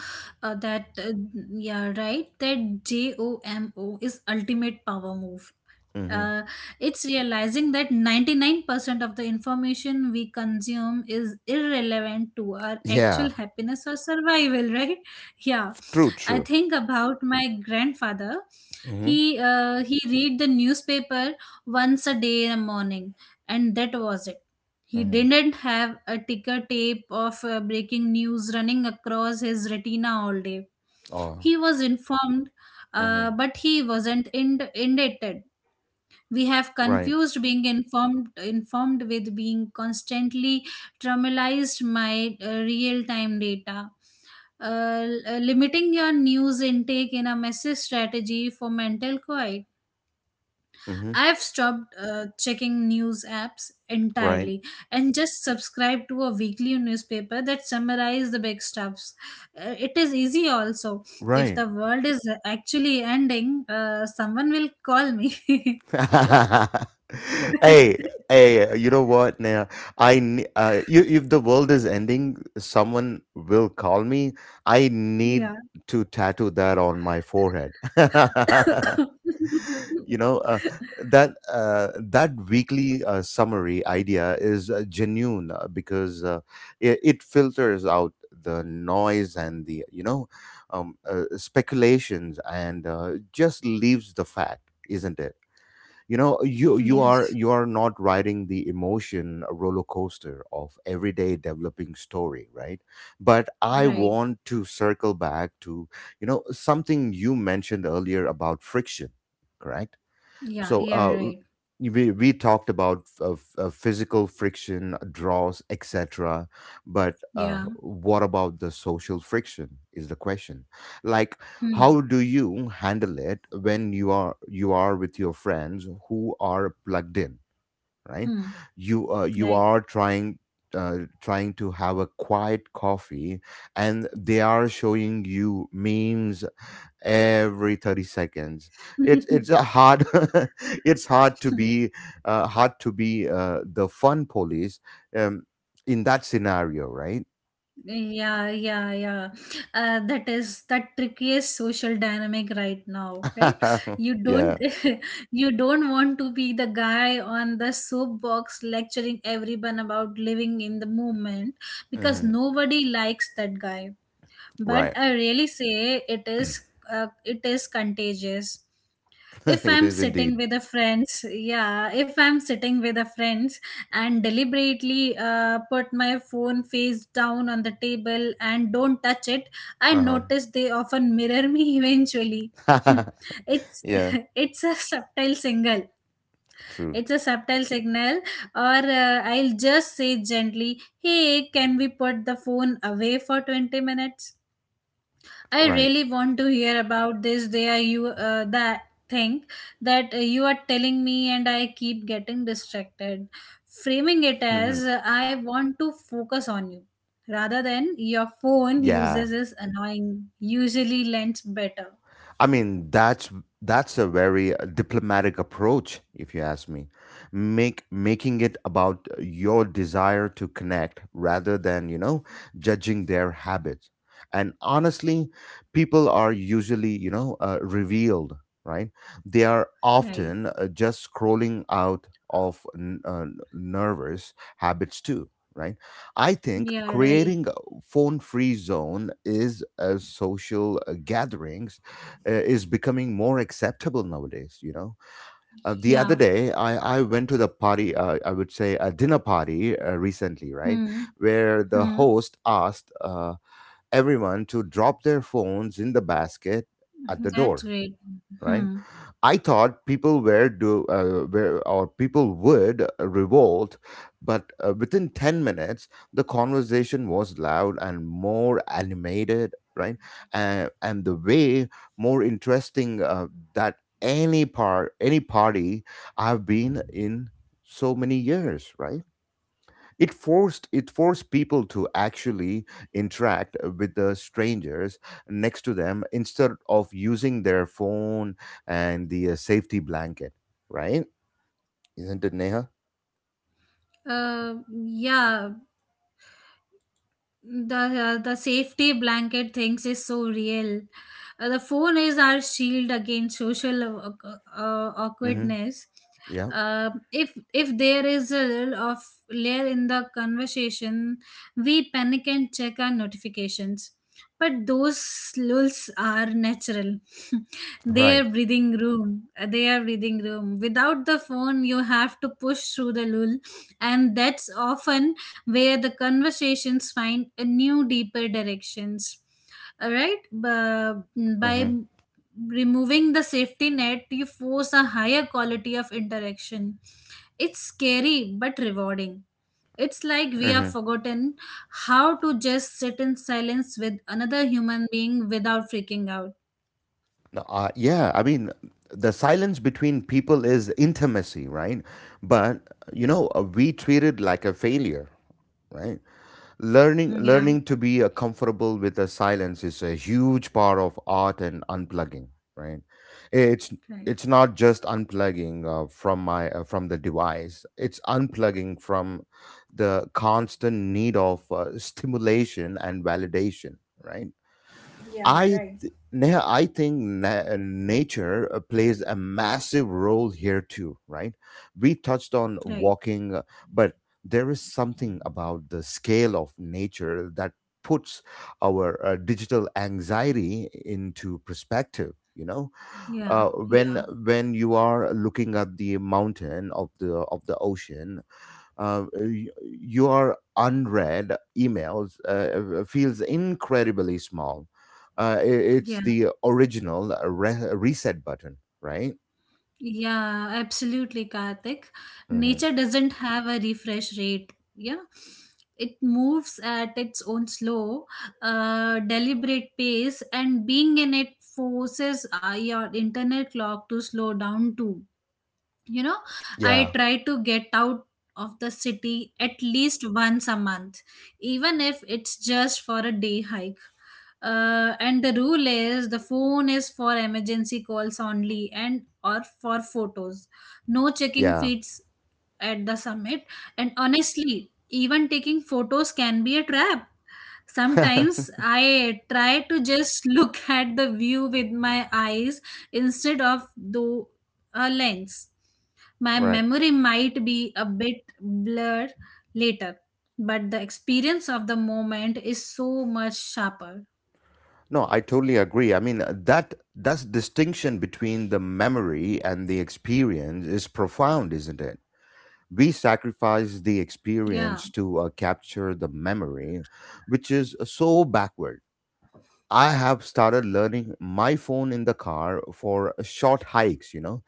Speaker 2: Uh, that, uh, yeah, right. That JOMO is ultimate power move.
Speaker 1: Hmm.
Speaker 2: Uh, it's realizing that 99% of the information we consume is irrelevant to our
Speaker 1: Yeah,
Speaker 2: actual happiness or survival, right? Yeah.
Speaker 1: true,
Speaker 2: I
Speaker 1: true.
Speaker 2: think about my grandfather.
Speaker 1: Hmm.
Speaker 2: He read the newspaper once a day in the morning, and that was it. He
Speaker 1: Hmm.
Speaker 2: didn't have a ticker tape of breaking news running across his retina all day.
Speaker 1: Oh.
Speaker 2: He was informed,
Speaker 1: Hmm.
Speaker 2: but he wasn't indicted. We have
Speaker 1: Right.
Speaker 2: confused being informed with being constantly traumatized. My real time data, uh, limiting your news intake in a message strategy for mental quiet.
Speaker 1: Hmm.
Speaker 2: I've stopped checking news apps
Speaker 1: Right.
Speaker 2: entirely, and just subscribe to a weekly newspaper that summarizes the big stuffs. It is easy also. If
Speaker 1: Right.
Speaker 2: the world is actually ending, someone will call me.
Speaker 1: Hey, hey, you know what? Now, I ne- you if the world is ending, someone will call me. I need to tattoo that on my forehead. You know, that weekly summary idea is genuine, because it filters out the noise and the, you know, speculations, and just leaves the fact, isn't it? You know, you you are
Speaker 2: Yes,
Speaker 1: you are not riding the emotion roller coaster of everyday developing story, right. But I
Speaker 2: right.
Speaker 1: want to circle back to, you know, something you mentioned earlier about friction. Correct.
Speaker 2: Yeah,
Speaker 1: so
Speaker 2: yeah,
Speaker 1: uh,
Speaker 2: right.
Speaker 1: we talked about, physical friction, draws, etc. But,
Speaker 2: Yeah.
Speaker 1: what about the social friction? Is the question. Like,
Speaker 2: Hmm.
Speaker 1: how do you handle it when you are with your friends who are plugged in, right?
Speaker 2: Hmm.
Speaker 1: You you
Speaker 2: Right.
Speaker 1: are trying. Trying to have a quiet coffee, and they are showing you memes every 30 seconds. It's a hard It's hard to be, the fun police, um, in that scenario, right?
Speaker 2: Yeah, yeah, yeah. That is the trickiest social dynamic right now, right? You don't,
Speaker 1: Yeah.
Speaker 2: you don't want to be the guy on the soapbox lecturing everyone about living in the moment, because
Speaker 1: Hmm.
Speaker 2: nobody likes that guy. But
Speaker 1: Right.
Speaker 2: I really say it is contagious. If
Speaker 1: It
Speaker 2: I'm
Speaker 1: is
Speaker 2: sitting
Speaker 1: indeed.
Speaker 2: with the friends yeah If I'm sitting with the friends and deliberately put my phone face down on the table and don't touch it, I
Speaker 1: Uh-huh.
Speaker 2: notice they often mirror me eventually. Hmm. It's
Speaker 1: Yeah.
Speaker 2: it's a subtle signal,
Speaker 1: True.
Speaker 2: it's a subtle signal. Or I'll just say gently, hey, can we put the phone away for 20 minutes? I
Speaker 1: Right.
Speaker 2: really want to hear about this. There you that thing that you are telling me, and I keep getting distracted. Framing it
Speaker 1: Mhm.
Speaker 2: as I want to focus on you, rather than your phone
Speaker 1: Yeah.
Speaker 2: uses is annoying. Usually lends better.
Speaker 1: I mean, that's a very diplomatic approach, if you ask me. Make Making it about your desire to connect rather than, you know, judging their habits. And honestly, people are usually, revealed, right? They are
Speaker 2: Right.
Speaker 1: often just scrolling out of nervous habits, too. Right. I think
Speaker 2: Yeah. Right.
Speaker 1: creating a phone-free zone is a social gathering is becoming more acceptable nowadays, you know. The other
Speaker 2: Yeah.
Speaker 1: day I went to the party, I would say a dinner party, recently, right.
Speaker 2: Hmm.
Speaker 1: Where the
Speaker 2: Hmm.
Speaker 1: host asked everyone to drop their phones in the basket at the
Speaker 2: That's
Speaker 1: door,
Speaker 2: great.
Speaker 1: right?
Speaker 2: Hmm.
Speaker 1: I thought people were do were, or people would revolt, but within 10 minutes the conversation was loud and more animated, right? And the way more interesting that any party I've been in so many years, right? It forced people to actually interact with the strangers next to them instead of using their phone and the safety blanket, right? Isn't it, Neha?
Speaker 2: Yeah. The safety blanket things is so real. The phone is our shield against social
Speaker 1: Mm-hmm.
Speaker 2: awkwardness.
Speaker 1: Yeah,
Speaker 2: If there is a little of layer in the conversation, we panic and check our notifications. But those lulls are natural. They are
Speaker 1: right.
Speaker 2: breathing room. They are breathing room. Without the phone, you have to push through the lull, and that's often where the conversations find a new deeper directions. All right, by
Speaker 1: Mm-hmm.
Speaker 2: removing the safety net you force a higher quality of interaction. It's scary but rewarding. It's like we have
Speaker 1: Mm-hmm.
Speaker 2: forgotten how to just sit in silence with another human being without freaking out.
Speaker 1: No. Yeah, I mean, the silence between people is intimacy, right? But we treat it like a failure, right? learning
Speaker 2: Yeah,
Speaker 1: learning to be comfortable with the silence is a huge part of art and unplugging, right? It's
Speaker 2: right.
Speaker 1: not just unplugging from my from the device. It's unplugging from the constant need of stimulation and validation, right?
Speaker 2: Yeah, right.
Speaker 1: I think nature plays a massive role here too, right? We touched on
Speaker 2: Right.
Speaker 1: walking, but there is something about the scale of nature that puts our digital anxiety into perspective. You know,
Speaker 2: Yeah,
Speaker 1: when
Speaker 2: yeah,
Speaker 1: you are looking at the mountain of the ocean, your unread emails feels incredibly small. It's
Speaker 2: yeah.
Speaker 1: the original reset button, right?
Speaker 2: Yeah, absolutely, Karthik.
Speaker 1: Hmm.
Speaker 2: Nature doesn't have a refresh rate. Yeah, it moves at its own slow, deliberate pace, and being in it forces your internal clock to slow down too, you know? I
Speaker 1: Yeah,
Speaker 2: try to get out of the city at least once a month, even if it's just for a day hike. And the rule is the phone is for emergency calls only and or for photos, no checking
Speaker 1: yeah,
Speaker 2: feeds at the summit. And honestly, even taking photos can be a trap. Sometimes I try to just look at the view with my eyes instead of through a lens. My
Speaker 1: right.
Speaker 2: memory might be a bit blurred later, but the experience of the moment is so much sharper.
Speaker 1: No, I totally agree. I mean, that distinction between the memory and the experience is profound, isn't it? We sacrifice the
Speaker 2: Yeah.
Speaker 1: experience to capture the memory, which is so backward. I have started learning my phone in the car for short hikes, you know.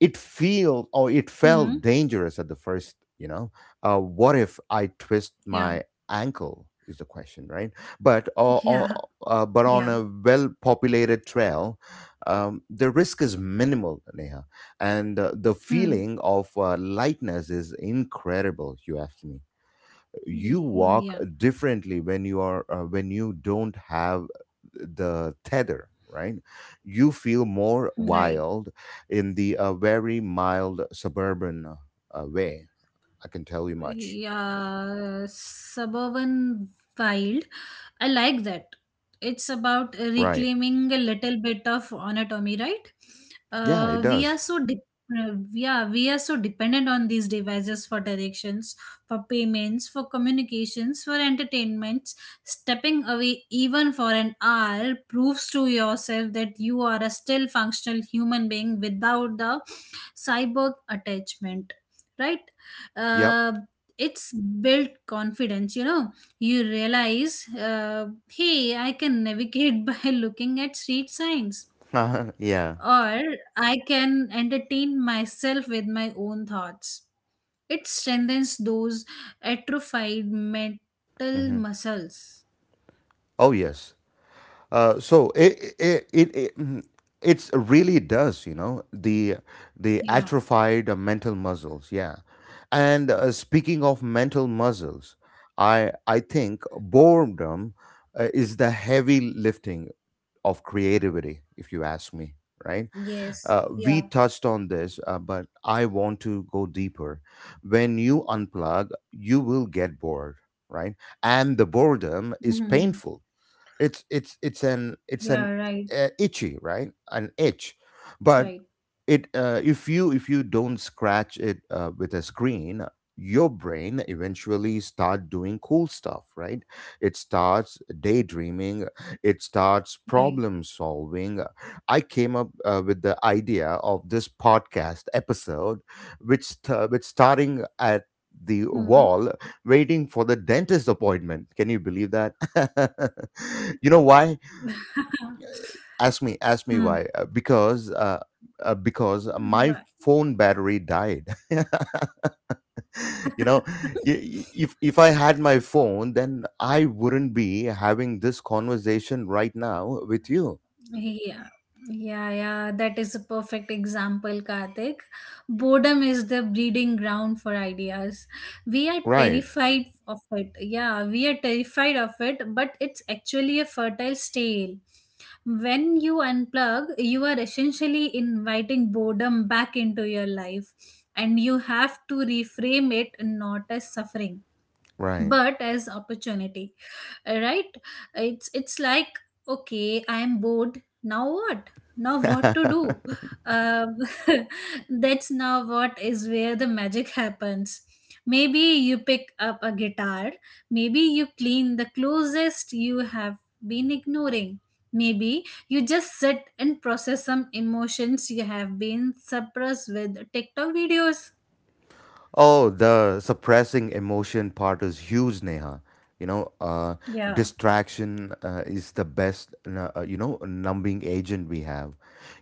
Speaker 1: It feel or it
Speaker 2: Hmm.
Speaker 1: felt dangerous at the first, you know. What if I twist
Speaker 2: Yeah.
Speaker 1: my ankle is the question, right? But uh, uh,
Speaker 2: Yeah.
Speaker 1: uh, but on
Speaker 2: Yeah.
Speaker 1: a well-populated trail, the risk is minimal, Neha, and the
Speaker 2: Hmm.
Speaker 1: feeling of lightness is incredible. You ask me, you walk
Speaker 2: Yeah.
Speaker 1: differently when you are when you don't have the tether, right? You feel more
Speaker 2: Right.
Speaker 1: wild in the very mild suburban way. I can tell you much,
Speaker 2: Yeah, suburban wild, I like that. It's about
Speaker 1: right?
Speaker 2: reclaiming a little bit of anatomy, right?
Speaker 1: Yeah, it
Speaker 2: We are
Speaker 1: does.
Speaker 2: so de- Yeah, we are so dependent on these devices for directions, for payments, for communications, for entertainments. Stepping away even for an hour proves to yourself that you are a still functional human being without the cyborg attachment, right?
Speaker 1: Yep.
Speaker 2: uh, it's built confidence, you know? You realize hey, I can navigate by looking at street signs,
Speaker 1: Yeah.
Speaker 2: or I can entertain myself with my own thoughts. It strengthens those atrophied mental
Speaker 1: Hmm.
Speaker 2: muscles.
Speaker 1: Oh, yes. So it it's really does, you know, the
Speaker 2: Yeah.
Speaker 1: atrophied mental muscles, yeah. And speaking of mental muscles, I think boredom is the heavy lifting of creativity, if you ask me, right?
Speaker 2: Yes.
Speaker 1: We
Speaker 2: Yeah.
Speaker 1: touched on this, but I want to go deeper. When you unplug, you will get bored, right? And the boredom is
Speaker 2: Hmm.
Speaker 1: painful. it's it's it's an it's an
Speaker 2: Yeah, right.
Speaker 1: uh, itchy, right? An itch. But
Speaker 2: Right.
Speaker 1: it if you don't scratch it with a screen, your brain eventually start doing cool stuff, right? It starts daydreaming, it starts
Speaker 2: Right.
Speaker 1: problem solving. I came up with the idea of this podcast episode, which starting at the
Speaker 2: Hmm.
Speaker 1: wall waiting for the dentist appointment. Can you believe that? You know why? Ask me
Speaker 2: Hmm.
Speaker 1: why. Because my
Speaker 2: Right.
Speaker 1: phone battery died. You know, if I had my phone, then I wouldn't be having this conversation right now with you.
Speaker 2: Yeah, yeah, yeah. That is a perfect example, Karthik. Boredom is the breeding ground for ideas. We are
Speaker 1: Right.
Speaker 2: terrified of it. Yeah, we are terrified of it, but it's actually a fertile stale. When you unplug, you are essentially inviting boredom back into your life, and you have to reframe it not as suffering,
Speaker 1: Right.
Speaker 2: but as opportunity, right? It's like, okay, I'm bored, now what? Now what to do? um, that's now what is where the magic happens. Maybe you pick up a guitar, maybe you clean the closest you have been ignoring, maybe you just sit and process some emotions you have been suppressed with TikTok videos.
Speaker 1: Oh, the suppressing emotion part is huge, Neha. You know,
Speaker 2: Yeah,
Speaker 1: distraction is the best, you know, numbing agent we have.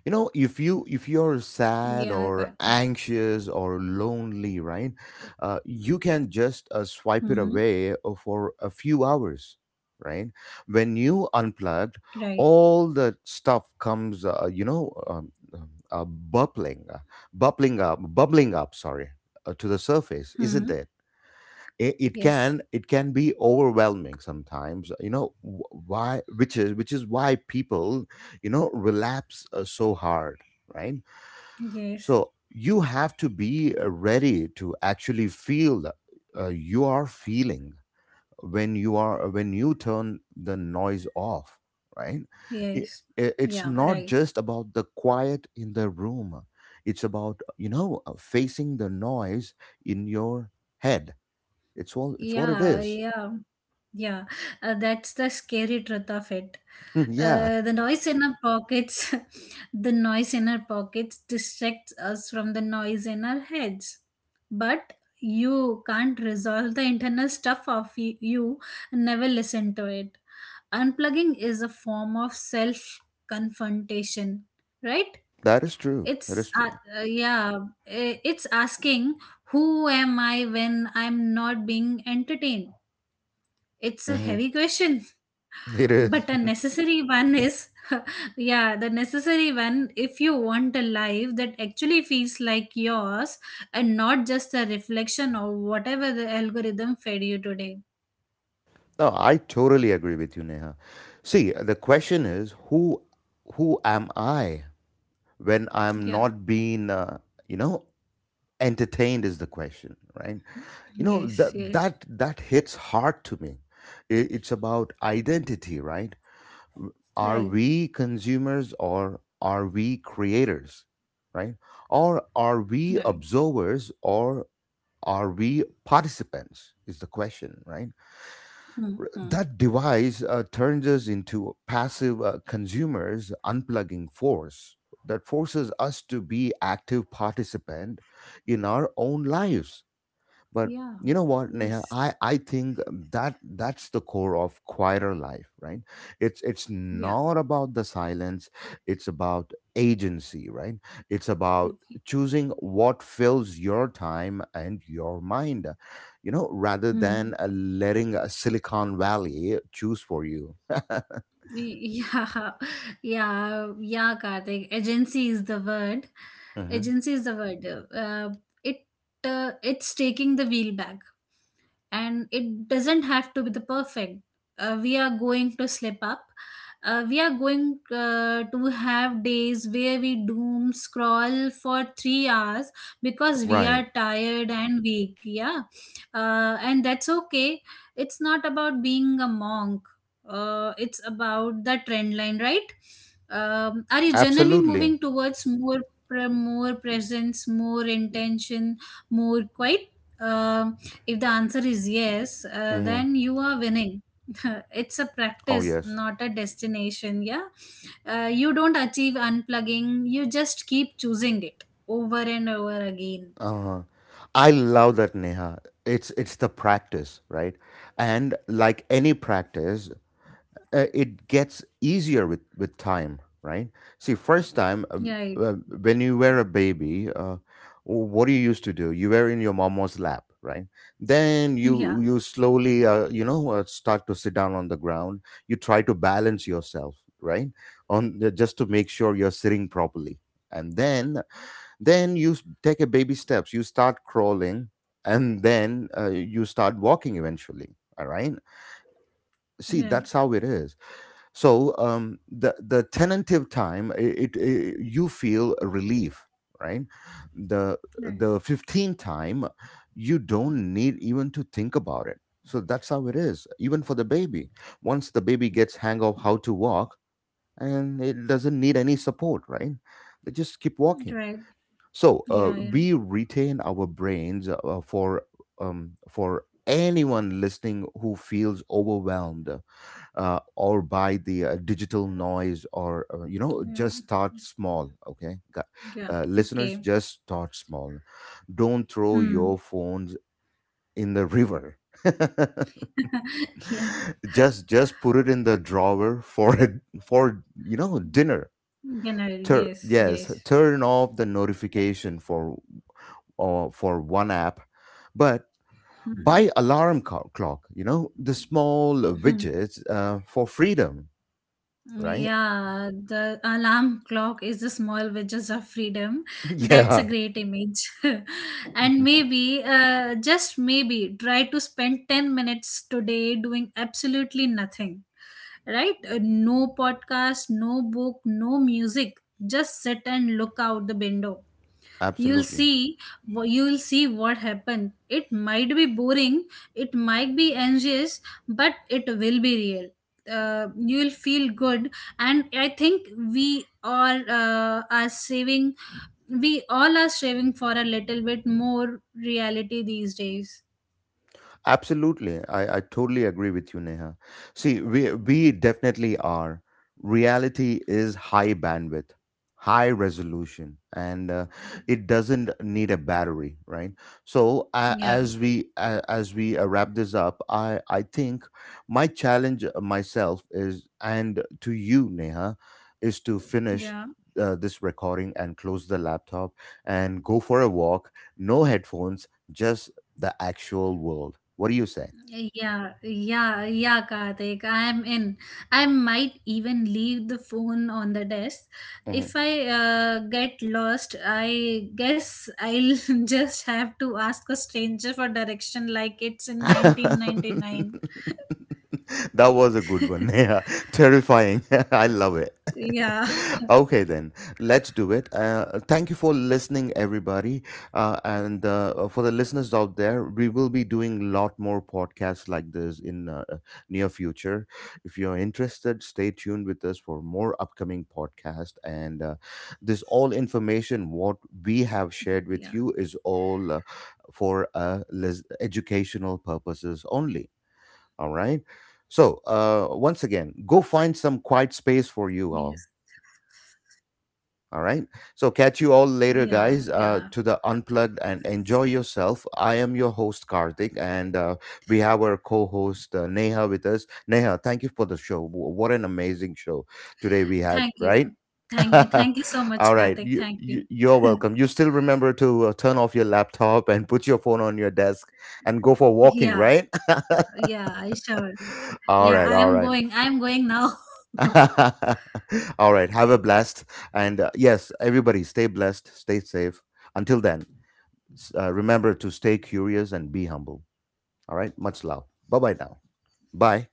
Speaker 1: You know, if you if you're sad
Speaker 2: yeah,
Speaker 1: or
Speaker 2: Karthik.
Speaker 1: anxious or lonely, right, you can just swipe it
Speaker 2: Hmm.
Speaker 1: away for a few hours, right? When you unplugged,
Speaker 2: Right.
Speaker 1: all the stuff comes, you know, bubbling up. Sorry, to the surface, isn't
Speaker 2: Hmm.
Speaker 1: it? It
Speaker 2: Yes.
Speaker 1: can be overwhelming sometimes, you know, wh- why which is why people, you know, relapse so hard, right?
Speaker 2: Yes.
Speaker 1: So you have to be ready to actually feel that, you are feeling when you are when you turn the noise off, right? It,
Speaker 2: Yes.
Speaker 1: it's
Speaker 2: Yeah,
Speaker 1: not
Speaker 2: right.
Speaker 1: just about the quiet in the room. It's about, you know, facing the noise in your head. It's all it's what it
Speaker 2: Yeah,
Speaker 1: is.
Speaker 2: yeah, yeah. That's the scary truth of it.
Speaker 1: Yeah,
Speaker 2: The noise in our pockets, the noise in our pockets distracts us from the noise in our heads. But you can't resolve the internal stuff of you, never listen to it. Unplugging is a form of self confrontation, right?
Speaker 1: that is true, that
Speaker 2: it's
Speaker 1: is true.
Speaker 2: uh, uh, yeah it's asking, who am I when I'm not being entertained? It's a
Speaker 1: Mhm.
Speaker 2: heavy question.
Speaker 1: It is.
Speaker 2: But a necessary one is, yeah, the necessary one, if you want a life that actually feels like yours and not just a reflection of whatever the algorithm fed you today.
Speaker 1: No, I totally agree with you, Neha. See, the question is who am I when I'm
Speaker 2: Yeah.
Speaker 1: not being you know entertained, is the question, right? You know,
Speaker 2: Yes. Yes.
Speaker 1: that hits hard to me. It's about identity, right? Are
Speaker 2: Right.
Speaker 1: we consumers or are we creators, right? Or are we
Speaker 2: Right.
Speaker 1: observers or are we participants, is the question, right?
Speaker 2: Hmm.
Speaker 1: R-
Speaker 2: Hmm.
Speaker 1: that device turns us into passive consumers. Unplugging forces us to be active participant in our own lives. But
Speaker 2: Yeah.
Speaker 1: you know what, Neha?
Speaker 2: Yes.
Speaker 1: I think that's the core of quieter life, right? It's
Speaker 2: Yeah.
Speaker 1: not about the silence, it's about agency, right? It's about choosing what fills your time and your mind, you know, rather
Speaker 2: Hmm.
Speaker 1: than letting a Silicon Valley choose for you.
Speaker 2: Yeah, yeah, yeah, Karthik. Agency is the word.
Speaker 1: Hmm.
Speaker 2: Agency is the word. Uh, it it's taking the wheel back, and it doesn't have to be the perfect. We are going to slip up. We are going to have days where we doom scroll for 3 hours because we
Speaker 1: Right.
Speaker 2: are tired and weak. Yeah, and that's okay. It's not about being a monk, it's about the trend line, right? Are you generally
Speaker 1: Absolutely.
Speaker 2: moving towards more presence, more intention, more quiet? Um, if the answer is yes,
Speaker 1: Hmm.
Speaker 2: then you are winning. It's a
Speaker 1: Oh,
Speaker 2: practice,
Speaker 1: yes.
Speaker 2: not a destination. Yeah, you don't achieve unplugging. You just keep choosing it over and over again.
Speaker 1: Uh, I love that, Neha. It's the practice, right? And like any practice, it gets easier with time, right? See, first time
Speaker 2: Right.
Speaker 1: when you were a baby, what do you used to do? You were in your mama's lap, right? Then
Speaker 2: Yeah.
Speaker 1: you slowly, you know, start to sit down on the ground. You try to balance yourself, right? On the, just to make sure you're sitting properly, and then you take a baby steps, you start crawling, and then you start walking eventually, all right? See,
Speaker 2: Right.
Speaker 1: that's how it is. So the tentative time, I- it, I you feel relief, right? the
Speaker 2: Right.
Speaker 1: the 15th time you don't need even to think about it. So that's how it is, even for the baby. Once the baby gets hang of how to walk and it doesn't need any support, right, they just keep walking.
Speaker 2: Right.
Speaker 1: So
Speaker 2: Yeah. Yeah.
Speaker 1: we retain our brains for anyone listening who feels overwhelmed or by the digital noise, or you know,
Speaker 2: Yeah.
Speaker 1: just start small, okay?
Speaker 2: Yeah.
Speaker 1: Listeners,
Speaker 2: Okay.
Speaker 1: just start small. Don't throw your
Speaker 2: Hmm.
Speaker 1: phones in the river.
Speaker 2: Yeah.
Speaker 1: Just put it in the drawer for a, for you know dinner.
Speaker 2: General, yes,
Speaker 1: Yes,
Speaker 2: yes.
Speaker 1: turn off the notification for or for one app. But
Speaker 2: Hmm.
Speaker 1: buy alarm clock, you know, the small widgets for freedom, right?
Speaker 2: Yeah, the alarm clock is the small wedges of freedom. That's a
Speaker 1: Yeah.
Speaker 2: great image. And maybe, just maybe, try to spend 10 minutes today doing absolutely nothing, right? No podcast, no book, no music. Just sit and look out the window. You'll
Speaker 1: Absolutely.
Speaker 2: see you'll see what happened. It might be boring, it might be anxious, but it will be real. Uh, you will feel good. And I think we all are saving we all are striving for a little bit more reality these days.
Speaker 1: Absolutely. I totally agree with you, Neha. See, we definitely are. Reality is high bandwidth, high resolution, and it doesn't need a battery, right? So
Speaker 2: Yeah,
Speaker 1: as we wrap this up, I think my challenge myself is, and to you, Neha, is to finish
Speaker 2: yeah.
Speaker 1: this recording and close the laptop and go for a walk, no headphones, just the actual world. What do you say?
Speaker 2: Yeah, yeah, yeah, Karthik. I am in. I might even leave the phone on the desk. If
Speaker 1: Mhm.
Speaker 2: I get lost, I guess I'll just have to ask a stranger for direction like it's in
Speaker 1: That
Speaker 2: 1999.
Speaker 1: was a good one. Yeah, terrifying. I love it.
Speaker 2: Yeah,
Speaker 1: Okay, then let's do it. Thank you for listening, everybody, and for the listeners out there, we will be doing a lot more podcasts like this in near future. If you're interested, stay tuned with us for more upcoming podcast. And this all information what we
Speaker 2: yeah,
Speaker 1: have shared with you is all educational purposes only. All right. So, once again, go find some quiet space for you all.
Speaker 2: yes,
Speaker 1: All right. So, catch you all later,
Speaker 2: yeah,
Speaker 1: guys,
Speaker 2: yeah.
Speaker 1: to the unplugged and enjoy yourself. I am your host, Karthik, and we have our co host, Neha, with us. Neha, thank you for the show. What an amazing show today we had,
Speaker 2: Thank you.
Speaker 1: right?
Speaker 2: Thank you. Thank you so
Speaker 1: All
Speaker 2: much,
Speaker 1: right.
Speaker 2: Karthik.
Speaker 1: You,
Speaker 2: Thank you.
Speaker 1: you're welcome. You still remember to turn off your laptop and put your phone on your desk and go for walking,
Speaker 2: Yeah,
Speaker 1: right?
Speaker 2: yeah, I sure.
Speaker 1: All
Speaker 2: Yeah,
Speaker 1: right.
Speaker 2: I
Speaker 1: All
Speaker 2: am
Speaker 1: right.
Speaker 2: going. I am going now.
Speaker 1: All right. Have a blessed and yes, everybody stay blessed, stay safe. Until then, remember to stay curious and be humble. All right? Much love. Bye-bye now. Bye.